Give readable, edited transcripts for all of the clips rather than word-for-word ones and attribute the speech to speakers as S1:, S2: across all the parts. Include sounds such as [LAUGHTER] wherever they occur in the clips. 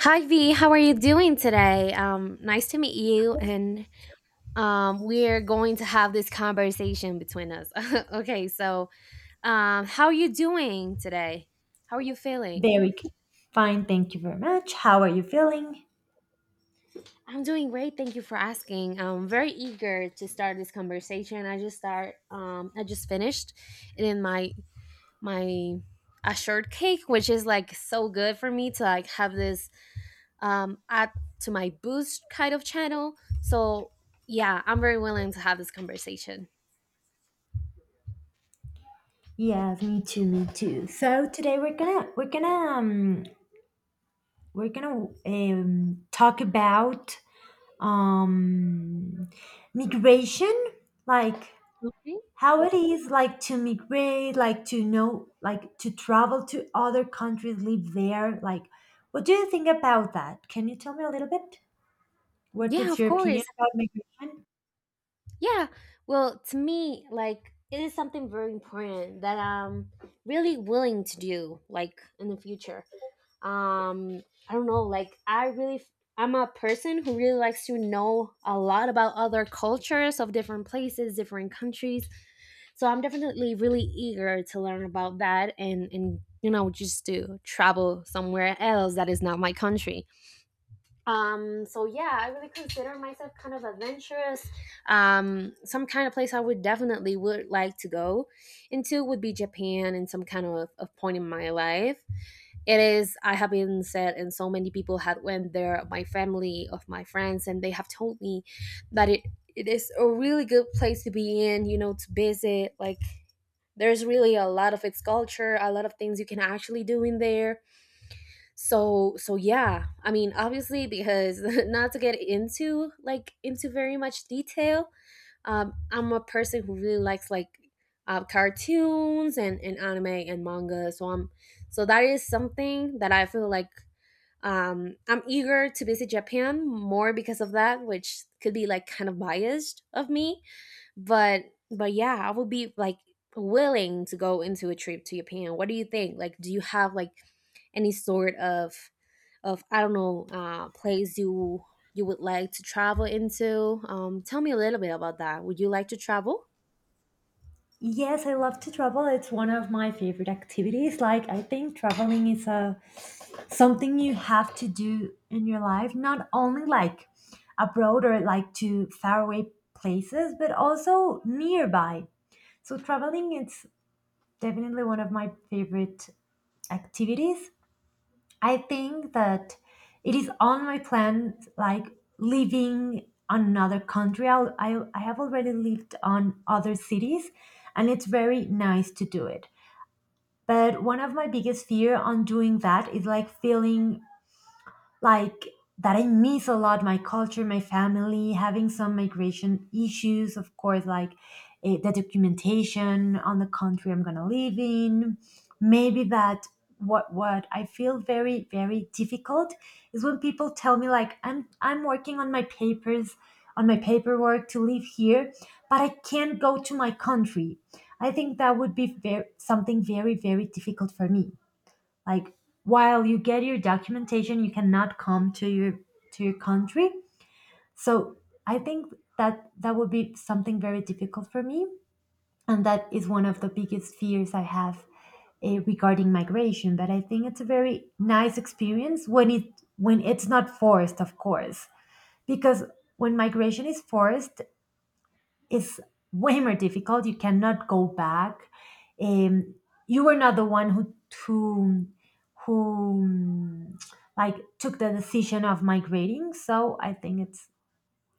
S1: Hi V, how are you doing today? Nice to meet you, and we're going to have this conversation between us. [LAUGHS] Okay, so how are you doing today? How are you feeling?
S2: Very good. Fine, thank you very much. How are you feeling?
S1: I'm doing great. Thank you for asking. I'm very eager to start this conversation. I just start. I just finished, in my my a shortcake, which is like so good for me to like have this add to my boost kind of channel. So yeah, I'm very willing to have this conversation.
S2: Yes, me too, me too. So today um, we're gonna talk about um, migration, like
S1: Okay.
S2: how it is like to migrate, like to know, like to travel to other countries, live there. Like, what do you think about that? Can you tell me a little bit? What
S1: Yeah,
S2: is
S1: of
S2: your opinion
S1: course.
S2: about migration?
S1: Yeah. Well, to me, like it is something very important that I'm really willing to do, like in the future. um I don't know, like I really, I'm a person who really likes to know a lot about other cultures, of different places, different countries, so I'm definitely really eager to learn about that, and you know, just to travel somewhere else that is not my country. So yeah, I really consider myself kind of adventurous. Some kind of place I would definitely would like to go into would be Japan, and some kind of a point in my life. It is, I have been said, and so many people had went there, my family of my friends, and they have told me that it is a really good place to be in, you know, to visit. Like there's really a lot of its culture, a lot of things you can actually do in there. So yeah, I mean obviously, because [LAUGHS] not to get into like into very much detail, I'm a person who really likes like cartoons, and anime and manga, so that is something that I feel like I'm eager to visit Japan more because of that, which could be like kind of biased of me, but yeah, I would be like willing to go into a trip to Japan. What do you think? Like, do you have like any sort of I don't know place you would like to travel into? Tell me a little bit about that. Would you like to travel?
S2: Yes, I love to travel. It's one of my favorite activities. Like I think traveling is a something you have to do in your life, not only like abroad or like to faraway places, but also nearby. So traveling it's definitely one of my favorite activities. I think that it is on my plan like living on another country. I have already lived on other cities and it's very nice to do it. But one of my biggest fear on doing that is like feeling like that I miss a lot my culture, my family, having some migration issues, of course, like the documentation on the country I'm gonna live in. Maybe that what I feel very very difficult is when people tell me like I'm working on my papers on my paperwork to live here, but I can't go to my country. I think that would be very, something very very difficult for me like while you get your documentation you cannot come to your country. So I think that that would be something very difficult for me, and that is one of the biggest fears I have, regarding migration. But I think it's a very nice experience when it when it's not forced, of course, because when migration is forced is way more difficult. You cannot go back. Um, you were not the one who who who um, like took the decision of migrating. So I think it's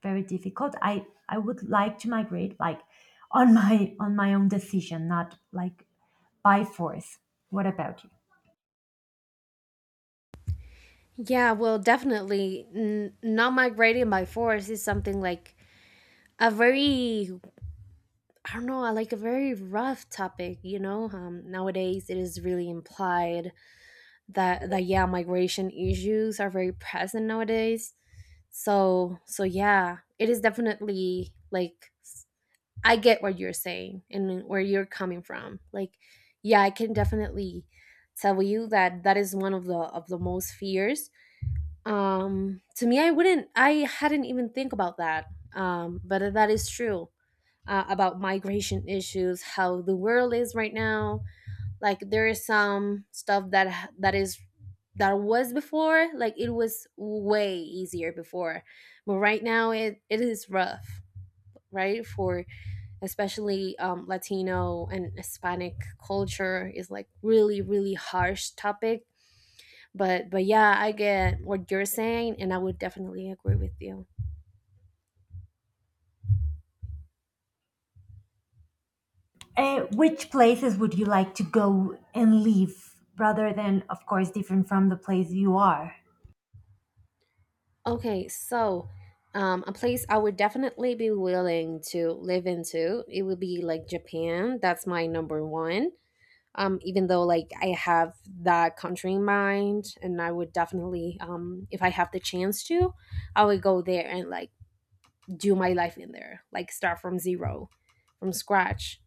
S2: very difficult. I would like to migrate like on my own decision, not like by force. What about you?
S1: Yeah, well, definitely. Not migrating by force is something like a very, I don't know, I like a very rough topic, you know. Nowadays, it is really implied that yeah, migration issues are very present nowadays. So yeah, it is definitely like I get what you're saying and where you're coming from. Like yeah, I can definitely tell you that that is one of the most fears. To me, I hadn't even think about that. But that is true about migration issues, how the world is right now. Like there is some stuff that is that was before. Like it was way easier before, but right now it is rough, right? For especially Latino and Hispanic culture is like really really harsh topic. But yeah, I get what you're saying, and I would definitely agree with you.
S2: Which places would you like to go and live rather than, of course, different from the place you are?
S1: Okay, so a place I would definitely be willing to live into, it would be like Japan. That's my number one. Even though like I have that country in mind, and I would definitely, if I have the chance to, I would go there and like do my life in there, like start from zero, from scratch.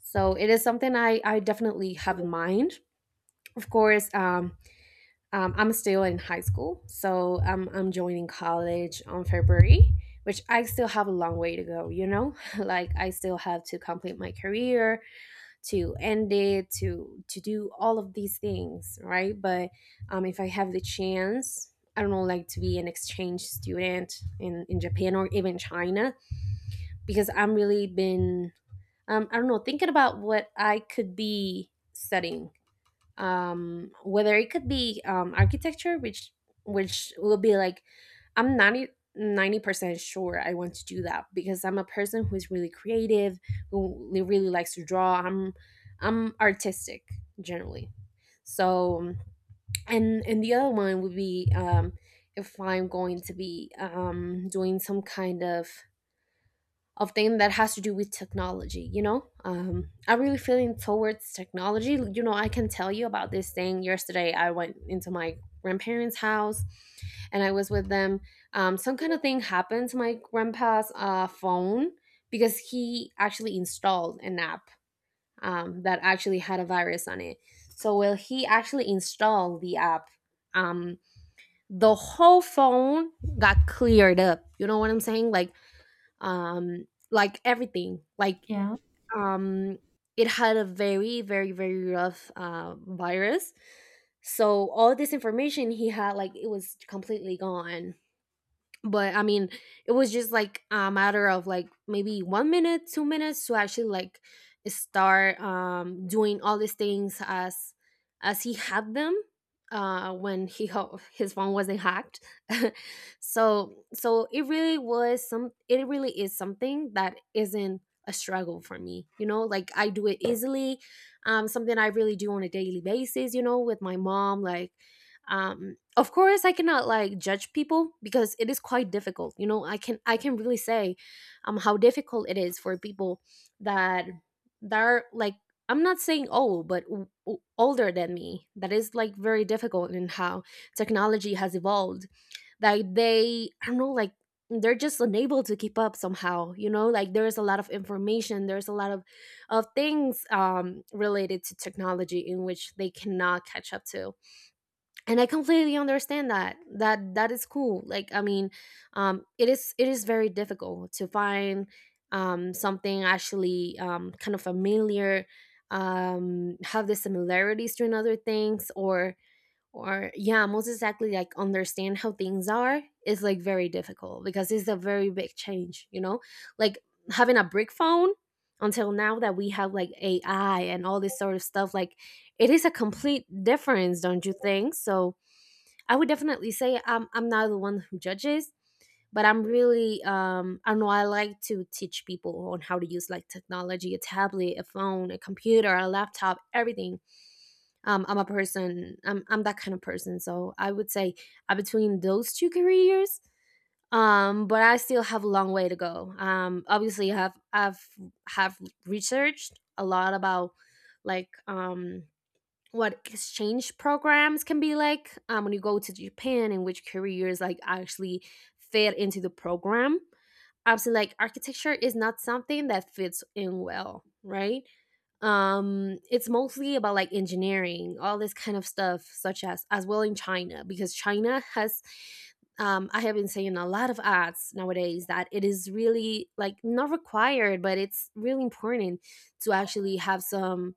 S1: So it is something I definitely have in mind. Of course, I'm still in high school, so I'm joining college on February, which I still have a long way to go. You know, [LAUGHS] like I still have to complete my career, to end it, to do all of these things, right? But if I have the chance, I don't know, like to be an exchange student in Japan or even China, because I'm really been I don't know thinking about what I could be studying, whether it could be architecture, which will be like I'm ninety percent sure I want to do that, because I'm a person who is really creative, who really likes to draw. I'm artistic generally. So and the other one would be if I'm going to be doing some kind of thing that has to do with technology, you know. I really feeling towards technology, you know. I can tell you about this thing. Yesterday I went into my grandparents' house, and I was with them. Some kind of thing happened to my grandpa's phone, because he actually installed an app that actually had a virus on it. So while he actually installed the app, um the whole phone got cleared up, you know what I'm saying? Like like everything like
S2: Yeah.
S1: um it had a very very very rough virus. So all this information he had, like it was completely gone. But I mean, it was just like a matter of like maybe 1 minute, 2 minutes to actually like start doing all these things as he had them when he his phone wasn't hacked. [LAUGHS] It really is something that isn't a struggle for me, you know. Like I do it easily. Something I really do on a daily basis, you know, with my mom. Like um of course I cannot like judge people, because it is quite difficult, you know. I can really say how difficult it is for people that that are like, I'm not saying old, but older than me, that is like very difficult in how technology has evolved. Like they, I don't know, like they're just unable to keep up somehow, you know. Like there's a lot of information, there's a lot of things related to technology in which they cannot catch up to. And I completely understand that, that that is cool. Like I mean, it is, very difficult to find something actually kind of familiar, have the similarities to another things, or yeah, most exactly like understand how things are is like very difficult, because it's a very big change, you know. Like having a brick phone, until now that we have like AI and all this sort of stuff, like it is a complete difference, don't you think so? I would definitely say I'm not the one who judges, but I'm really I know I like to teach people on how to use like technology, a tablet, a phone, a computer, a laptop, everything. I'm a person, I'm that kind of person. So I would say between those two careers, but I still have a long way to go. Obviously I have I've have researched a lot about like what exchange programs can be like when you go to Japan and which careers like actually fit into the program. Obviously, like architecture is not something that fits in well, right? It's mostly about like engineering, all this kind of stuff, such as well in China, because China has. I have been seeing a lot of ads nowadays that it is really like not required, but it's really important to actually have some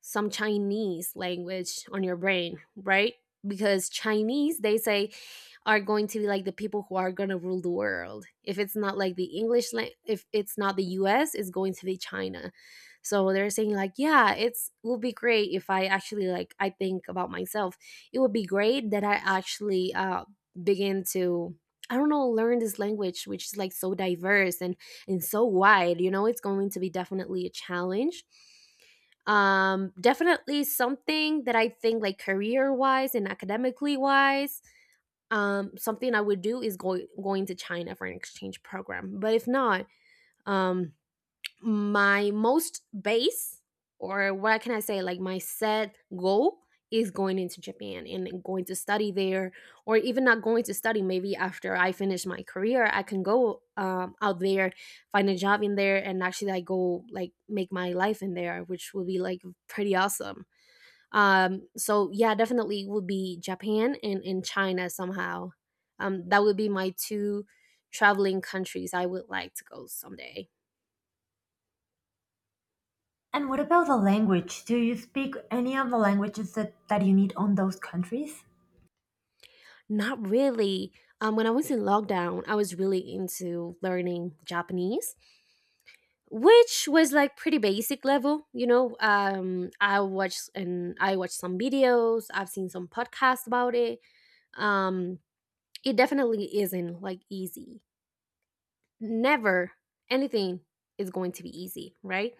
S1: Chinese language on your brain, right? Because Chinese, they say, are going to be like the people who are going to rule the world. If it's not like the English, if it's not the US, it's going to be China. So they're saying like, yeah, it's will be great if I actually like I think about myself. It would be great that I actually begin to I don't know learn this language, which is like so diverse and so wide. You know, it's going to be definitely a challenge. Definitely something that I think like career wise and academically wise, something I would do is going to China for an exchange program. But if not, um my most base, or what can I say, like my set goal is going into Japan and going to study there, or even not going to study, maybe after I finish my career I can go out there, find a job in there, and actually I go like make my life in there, which would be like pretty awesome. So yeah, definitely would be Japan and, in China somehow. That would be my two traveling countries I would like to go someday.
S2: And what about the language? Do you speak any of the languages that, that you need on those countries?
S1: Not really. When I was in lockdown, I was really into learning Japanese, which was like pretty basic level. You know, I watched and I watched some videos. I've seen some podcasts about it. Um, it definitely isn't like easy never anything is going to be easy, right?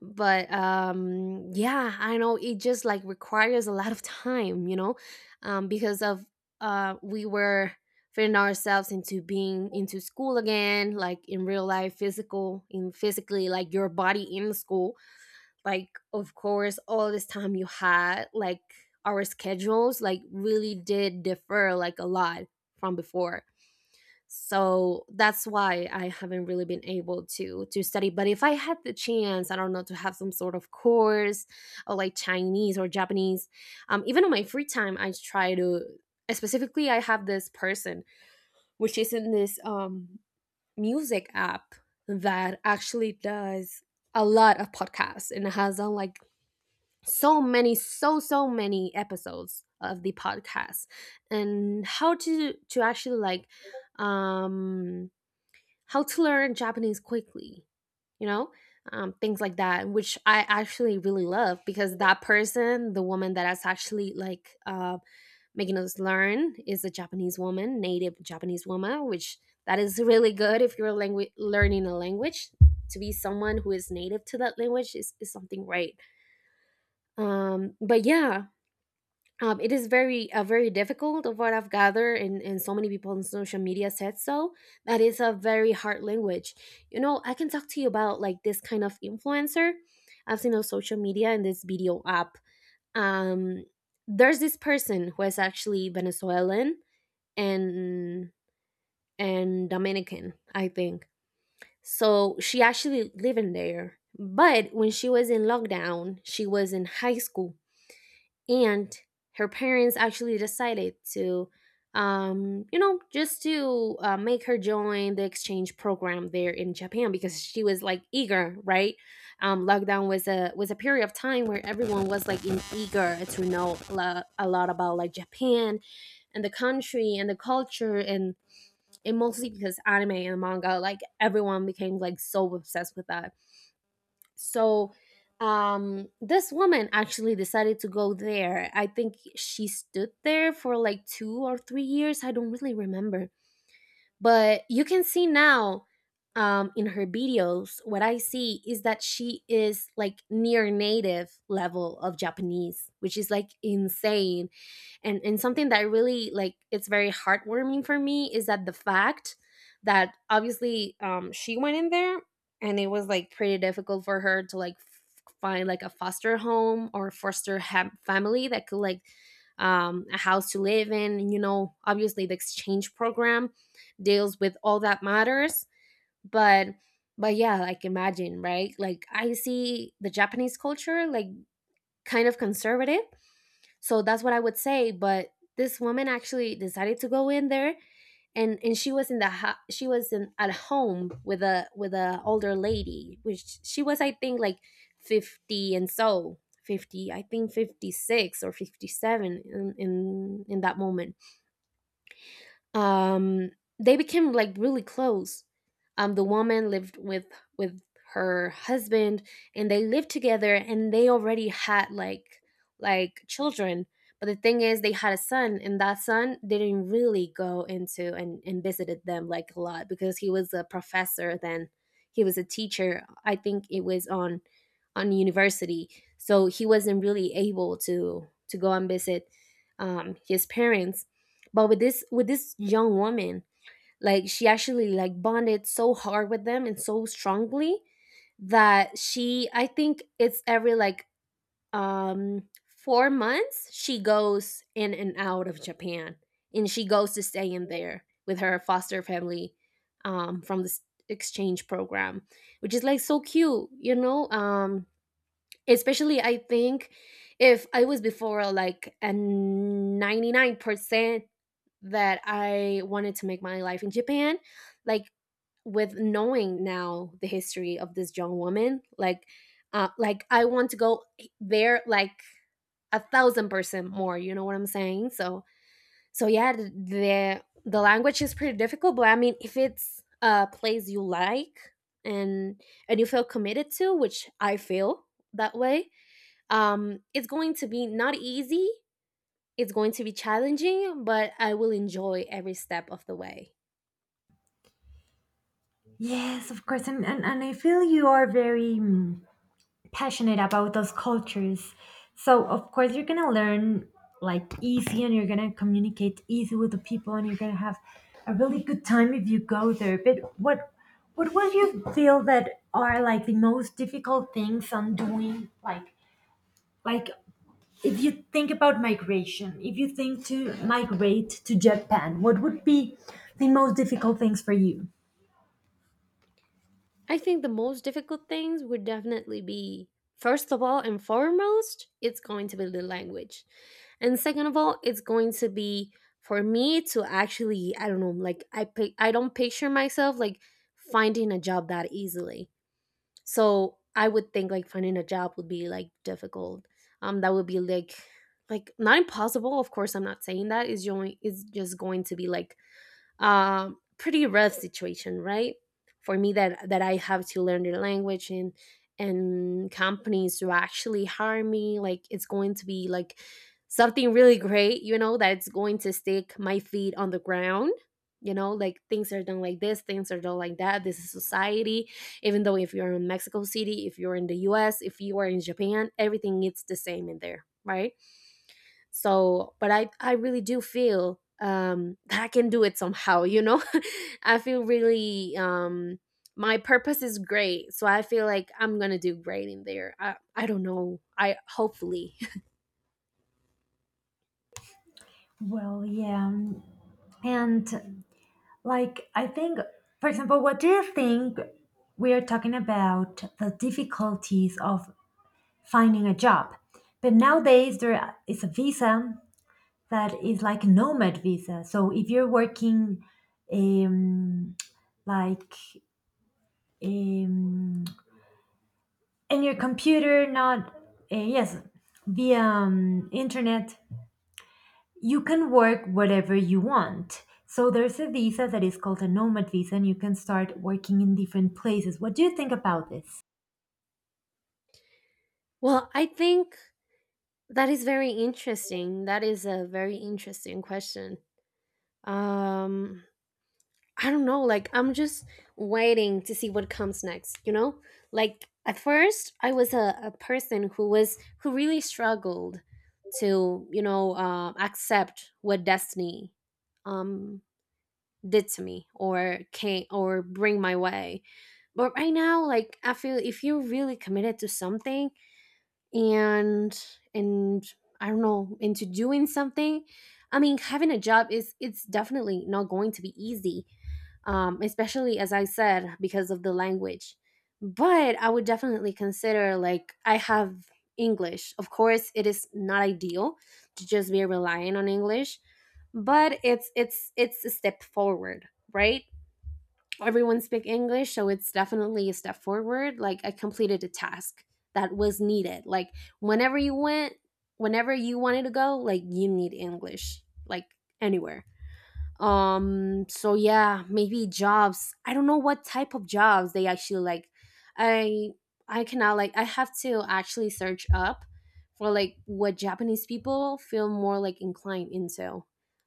S1: But yeah, I know it just like requires a lot of time, you know, because of we were fitting ourselves into being into school again, like in real life, physical, in physically like your body in school. Like of course all this time you had like our schedules like really did differ like a lot from before, so that's why I haven't really been able to study. But if I had the chance, I don't know, to have some sort of course or like Chinese or Japanese. Even on my free time I try to, specifically, I have this person which is in this music app that actually does a lot of podcasts and has done like so many, so many episodes of the podcast. And how to actually like, um how to learn Japanese quickly, you know, things like that, which I actually really love because that person, the woman that is actually like making us learn, is a Japanese woman, native Japanese woman, which that is really good if you're learning a language. To be someone who is native to that language is something great. But yeah, it is very very difficult of what I've gathered, and so many people on social media said so, that is a very hard language. You know, I can talk to you about like this kind of influencer I've seen on social media and this video app. um, there's this person who is actually Venezuelan and and Dominican, I think. So she actually living there, but when she was in lockdown she was in high school, and her parents actually decided to, you know, just to make her join the exchange program there in Japan because she was like eager, right? Lockdown was a period of time where everyone was like in eager to know a lot about like Japan and the country and the culture and mostly because anime and manga, like everyone became like so obsessed with that. So, this woman actually decided to go there. I think she stood there for like 2 or 3 years, I don't really remember, but you can see now, in her videos, what I see is that she is like near native level of Japanese, which is like insane. And something that really like it's very heartwarming for me is that the fact that obviously, she went in there, and it was like pretty difficult for her to like find like a foster home or foster family that could like, a house to live in. You know, obviously the exchange program deals with all that matters. But but yeah, like imagine, right? Like I see the Japanese culture like kind of conservative. So that's what I would say. But this woman actually decided to go in there, and she was in the she was in at home with a older lady which she was, I think, like 50, and so 50, I think, 56 or 57 in in that moment. um, they became like really close. The woman lived with her husband, and they lived together, and they already had like children. But the thing is, they had a son, and that son didn't really go into and visited them like a lot because he was a professor. Then he was a teacher. I think it was on university, so he wasn't really able to go and visit his parents. But with this young woman, like she actually like bonded so hard with them and so strongly that she, I think it's every like 4 months she goes in and out of Japan, and she goes to stay in there with her foster family from this exchange program, which is like so cute, you know. Especially, I think if I was before like a 99% that I wanted to make my life in Japan. Like with knowing now the history of this young woman, like I want to go there like 1000% more. You know what I'm saying? So so yeah, the language is pretty difficult, but I mean if it's a place you like and and you feel committed to, which I feel that way, it's going to be not easy. It's going to be challenging, but I will enjoy every step of the way.
S2: Yes, of course. And I feel you are very passionate about those cultures. So, of course, you're going to learn like easy and you're going to communicate easy with the people and you're going to have a really good time if you go there. But what would you feel that are like the most difficult things on doing like if you think about migration, if you think to migrate to Japan, what would be the most difficult things for you?
S1: I think the most difficult things would definitely be, first of all and foremost, it's going to be the language. And second of all, it's going to be for me to actually, I don't know, like I I don't picture myself like finding a job that easily. So I would think like finding a job would be like difficult. That would be like not impossible, of course I'm not saying that. It's only it's just going to be like, pretty rough situation, right? For me, that I have to learn the language, and companies to actually hire me, like it's going to be like something really great, you know, that it's going to stick my feet on the ground. You know, like things are done like this, things are done like that. This is society. Even though if you're in Mexico City, if you're in the US, if you are in Japan, everything it's the same in there, right? So but I really do feel [LAUGHS] that I can do it somehow, you know. [LAUGHS] I feel really, my purpose is great, so I feel like I'm gonna do great in there. I don't know, I hopefully
S2: Well, yeah. And like, I think, for example, what do you think we are talking about the difficulties of finding a job? But nowadays, there is a visa that is like a nomad visa. So if you're working, um, like, um, and your computer not yes the internet, you can work whatever you want. So there's a visa that is called a nomad visa and you can start working in different places. What do you think about this?
S1: [LAUGHS] well I think that is very interesting, that is a very interesting question. um I don't know, like I'm just waiting to see what comes next, you know? Like at first I was a person who really struggled to, you know, accept what destiny um did to me, or came, or bring my way. But right now, like I feel if you're really committed to something, and and I don't know, into doing something, I mean having a job is it's definitely not going to be easy. Especially as I said, because of the language. But I would definitely consider, like I have English. Of course it is not ideal to just be relying on English, but it's a step forward, right? Everyone speak English, so it's definitely a step forward. Like I completed a task that was needed, like whenever you went, whenever you wanted to go, like you need English, like anywhere. So yeah, maybe jobs, I don't know what type of jobs they actually like. I i cannot, like I have to actually search up for like what Japanese people feel more like inclined into,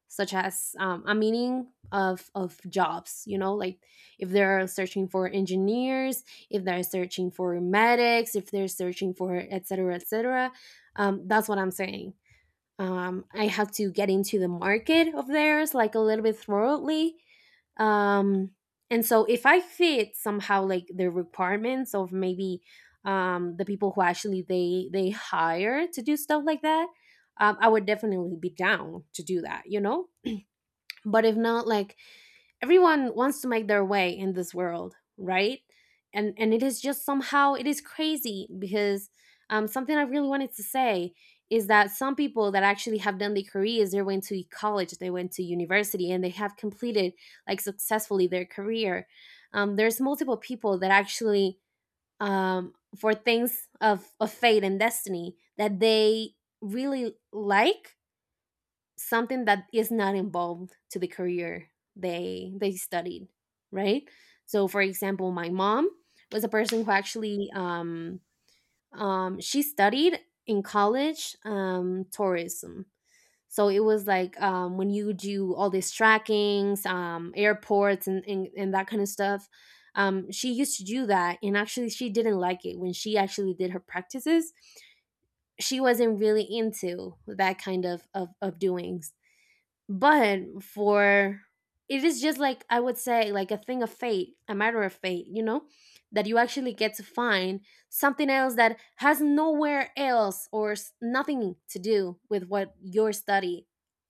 S1: such as a meaning of jobs, you know, like if they're searching for engineers, if they're searching for medics, if they're searching for etc cetera, that's what I'm saying. I had to get into the market of theirs like a little bit thoroughly. Um, and so if I fit somehow like the requirements of maybe, the people who actually they hire to do stuff like that, I would definitely be down to do that, you know. But if not, like, everyone wants to make their way in this world, right? And it is just somehow it is crazy because something I really wanted to say is that some people that actually have done their careers, they went to college, they went to university, and they have completed like successfully their career. There's multiple people that actually, for things of fate and destiny, that they really like something that is not involved to the career they studied, right? So for example, my mom was a person who actually she studied in college, tourism. So it was like, when you do all these trackings, airports and that kind of stuff. She used to do that, and actually she didn't like it when she actually did her practices. She wasn't really into that kind of doing. But for, it is just like, I would say, like a thing of fate, a matter of fate, you know, that you actually get to find something else that has nowhere else or nothing to do with what your study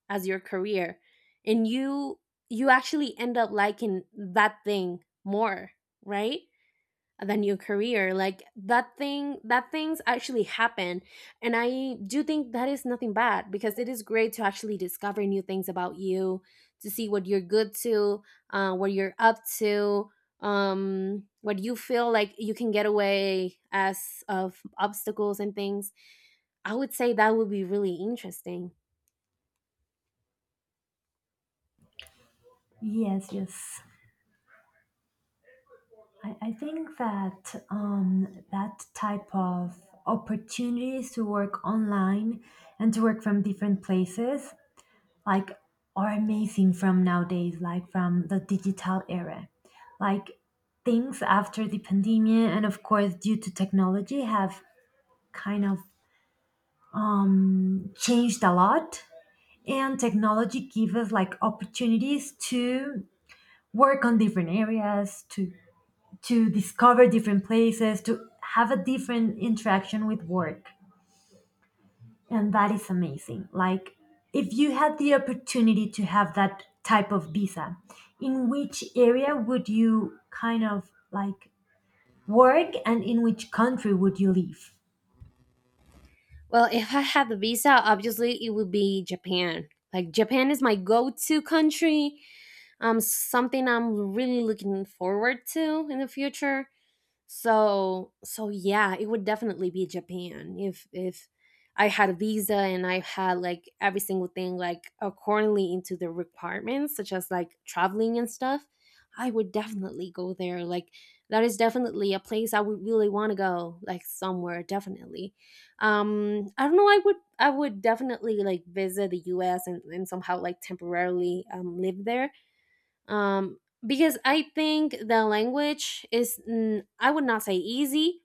S1: as your career. And you actually end up liking that thing more, right, than your career. Like that thing, that things actually happen. And I do think that is nothing bad, because it is great to actually discover new things about you, to see what you're good to, what you're up to, um, what you feel like you can get away as of obstacles and things. I would say that would be really interesting.
S2: Yes, yes, I think that that type of opportunities to work online and to work from different places like are amazing from nowadays, like from the digital era. Like things after the pandemic and of course due to technology have kind of changed a lot. And technology gives us like opportunities to work on different areas, to discover different places, to have a different interaction with work. And that is amazing. Like, if you had the opportunity to have that type of visa, in which area would you kind of like work and in which country would you live?
S1: Well, if I had the visa, obviously it would be Japan. Like Japan is my go-to country, um, something I'm really looking forward to in the future. So yeah, it would definitely be Japan if I had a visa and I had like every single thing like accordingly into the requirements, such as like traveling and stuff. I would definitely go there. Like that is definitely a place I would really want to go. Like somewhere, definitely. I don't know. I would definitely like visit the U.S. and somehow like temporarily live there, um, because I think the language is, mm, I would not say easy,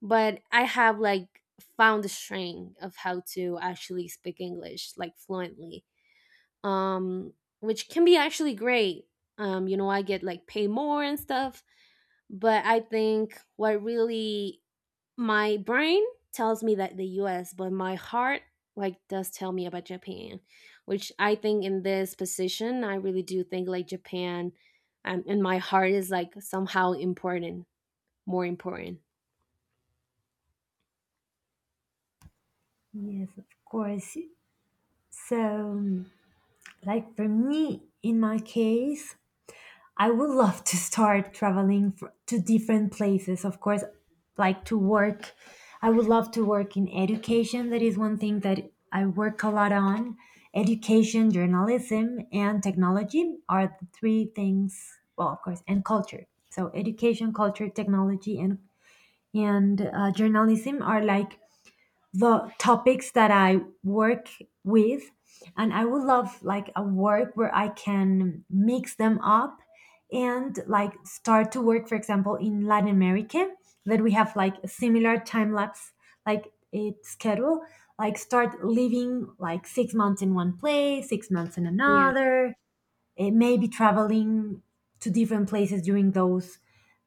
S1: but I have like found the strength of how to actually speak English like fluently, um, which can be actually great. You know, I get like paid more and stuff, but I think what really my brain tells me that the US, but my heart like does tell me about Japan, which I think in this position, I really do think like Japan, and my heart is like somehow important, more important.
S2: Yes, of course. So, like for me, in my case, I would love to start traveling fr to different places, of course, like to work. I would love to work in education. That is one thing that I work a lot on. Education, journalism, and technology are the three things, well, of course, and culture. So, education, culture, technology, and journalism are like the topics that I work with. And I would love like a work where I can mix them up and like start to work, for example, in Latin America, that we have like a similar time lapse, like it schedule, like start living like 6 months in one place, 6 months in
S1: Yeah.
S2: another, maybe traveling to different places during those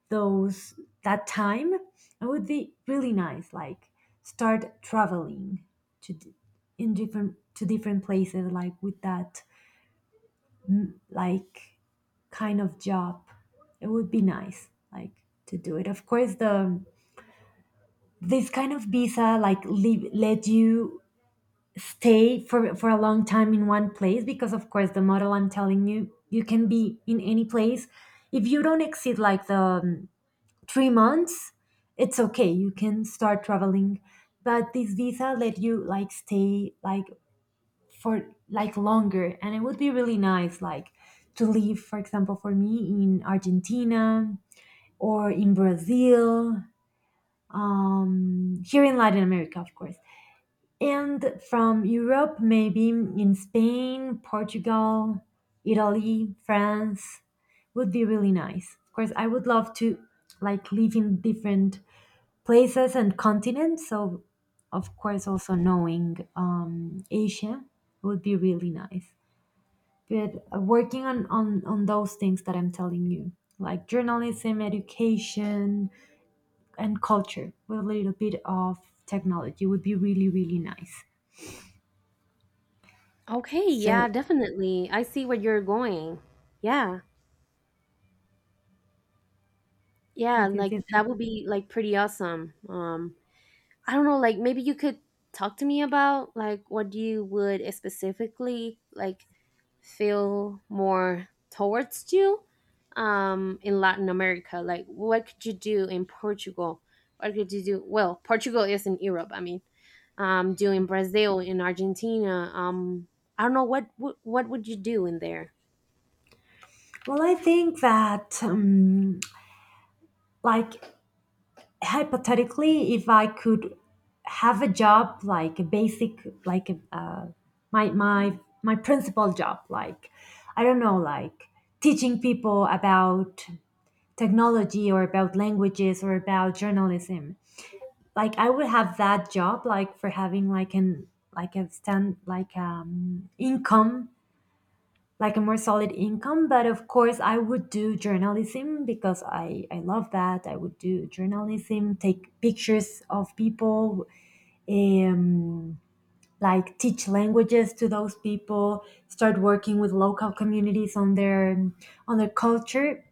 S2: those that time. It would be really nice like start traveling to d- in different to different places like with that like kind of job. It would be nice like to do it. Of course, the this kind of visa like leave, let you stay for a long time in one place because of course the model I'm telling you, you can be in any place if you don't exceed like the 3 months, it's okay. You can start traveling, but this visa let you like stay like for like longer, and it would be really nice like to live, for example, for me in Argentina or in Brazil, here in Latin America, of course, and from Europe maybe in Spain, Portugal, Italy, France would be really nice. Of course, I would love to like live in different places and continents. So, of course, also knowing Asia would be really nice. But working on those things that I'm telling you, like journalism, education, and culture with a little bit of technology would be really, really nice.
S1: Okay.
S2: So,
S1: Yeah, definitely. I see where you're going. Yeah. Yeah.
S2: yes, yes,
S1: Like
S2: yes.
S1: that would be like pretty awesome. I don't know, like maybe you could talk to me about like what you would specifically like feel more towards you in Latin America. Like what could you do in Portugal? What could you do? Well, Portugal is in Europe, I mean. Um, do in Brazil, in Argentina. Um, I don't know what would you do in there?
S2: Well, I think that like hypothetically if I could have a job like a basic like a, my my my principal job, like I don't know like teaching people about technology or about languages or about journalism, like I would have that job like for having like an like a stand like income, like a more solid income. But of course I would do journalism because I love that. I would do journalism, take pictures of people, um like teach languages to those people, start working with local communities on their culture,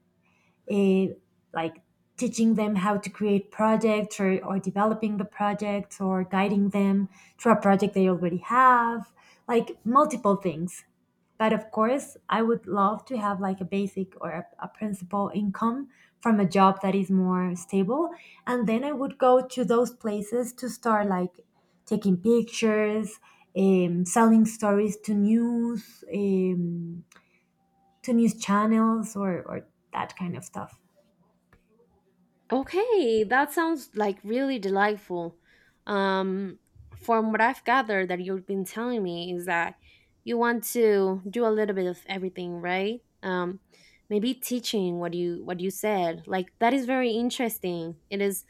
S2: eh, like teaching them how to create projects or developing the projects or guiding them through a project they already have, like multiple things. But of course, I would love to have like a basic or a principal income from a job that is more stable. And then I would go to those places to start like taking pictures, selling stories to news channels or that kind of stuff.
S1: Okay, that sounds like really delightful. Um, from what I've gathered that you've been telling me is that you want to do a little bit of everything, right? Maybe teaching what you said. Like that is very interesting. It is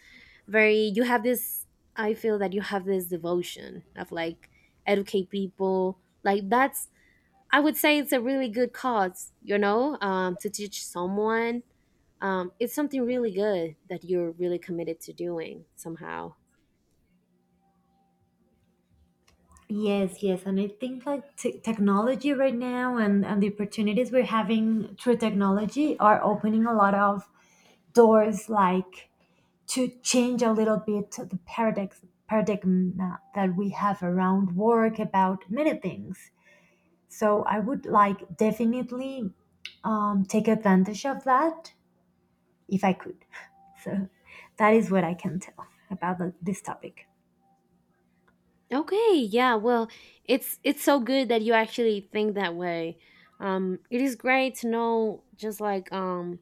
S1: very, you have this, I feel that you have this devotion of like educate people. Like that's, I would say it's a really good cause, you know, to teach someone, it's something really good that you're really committed to doing somehow.
S2: Yes, yes, and I think like technology right now and the opportunities we're having through technology are opening a lot of doors like to change a little bit the paradigm paradigm that we have around work about many things. So I would like definitely take advantage of that if I could. So that is what I can tell about the, this topic.
S1: Okay, yeah, well, it's so good that you actually think that way. Um, it is great to know, just like,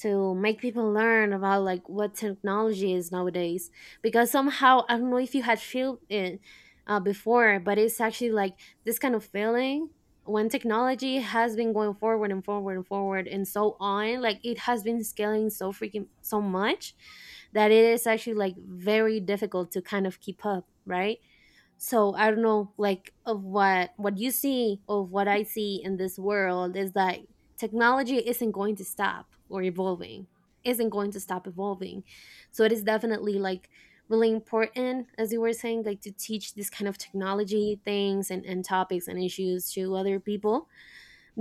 S1: to make people learn about like what technology is nowadays, because somehow I don't know if you had felt it before, but it's actually like this kind of feeling, when technology has been going forward and forward and forward and so on, like it has been scaling so freaking so much that it is actually like very difficult to kind of keep up, right? So I don't know, like of what you see, of what I see in this world is that technology isn't going to stop or evolving, isn't going to stop evolving. So it is definitely like really important, as you were saying, like to teach this kind of technology things and topics and issues to other people,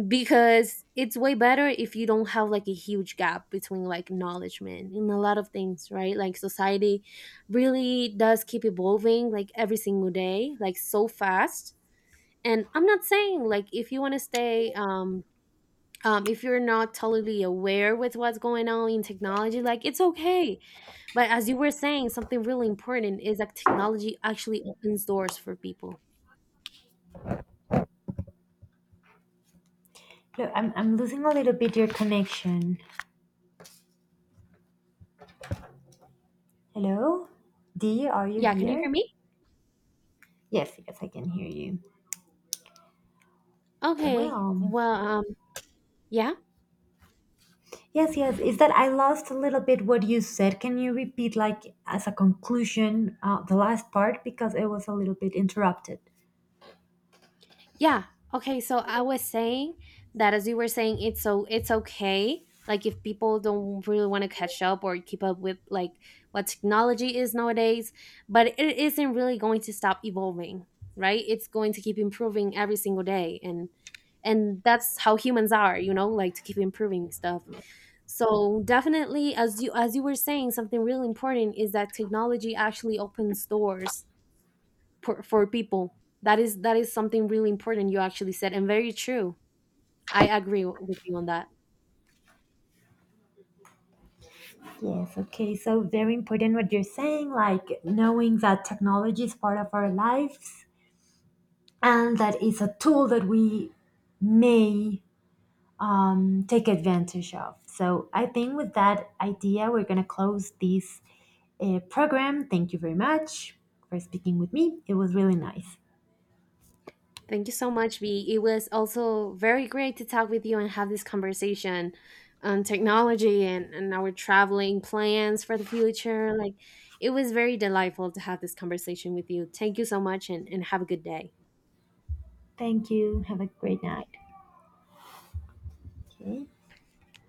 S1: because it's way better if you don't have like a huge gap between like acknowledgement in a lot of things, right? Like society really does keep evolving like every single day, like so fast. And I'm not saying, like, if you want to stay um, if you're not totally aware with what's going on in technology, like it's okay. But as you were saying, something really important is that technology actually opens doors for people.
S2: Look, I'm losing a little bit your connection. Hello? Dee, are you
S1: Yeah, can you hear
S2: here?
S1: me?
S2: Yes, yes, I can hear you.
S1: Okay.
S2: Well,
S1: Well, yeah.
S2: yes, yes. Is that I lost a little bit what you said? Can you repeat, like, as a conclusion, the last part because it was a little bit interrupted?
S1: Yeah. Okay. So I was saying that, as you were saying, it's so, it's okay. Like if people don't really want to catch up or keep up with like what technology is nowadays, but it isn't really going to stop evolving, right? It's going to keep improving every single day, and that's how humans are, you know, like to keep improving stuff. So definitely, as you were saying, something really important is that technology actually opens doors for people. That is, that is something really important you actually said, and very true. I agree with you on that.
S2: Yes, okay. So, very important what you're saying, like knowing that technology is part of our lives and that it's a tool that we may take advantage of. So, I think with that idea, we're going to close this program. Thank you very much for speaking with me. It was really nice.
S1: Thank you so much, V. It was also very great to talk with you and have this conversation on technology and our traveling plans for the future. Like it was very delightful to have this conversation with you. Thank you so much, and have a good day.
S2: Thank you. Have a great night. Okay.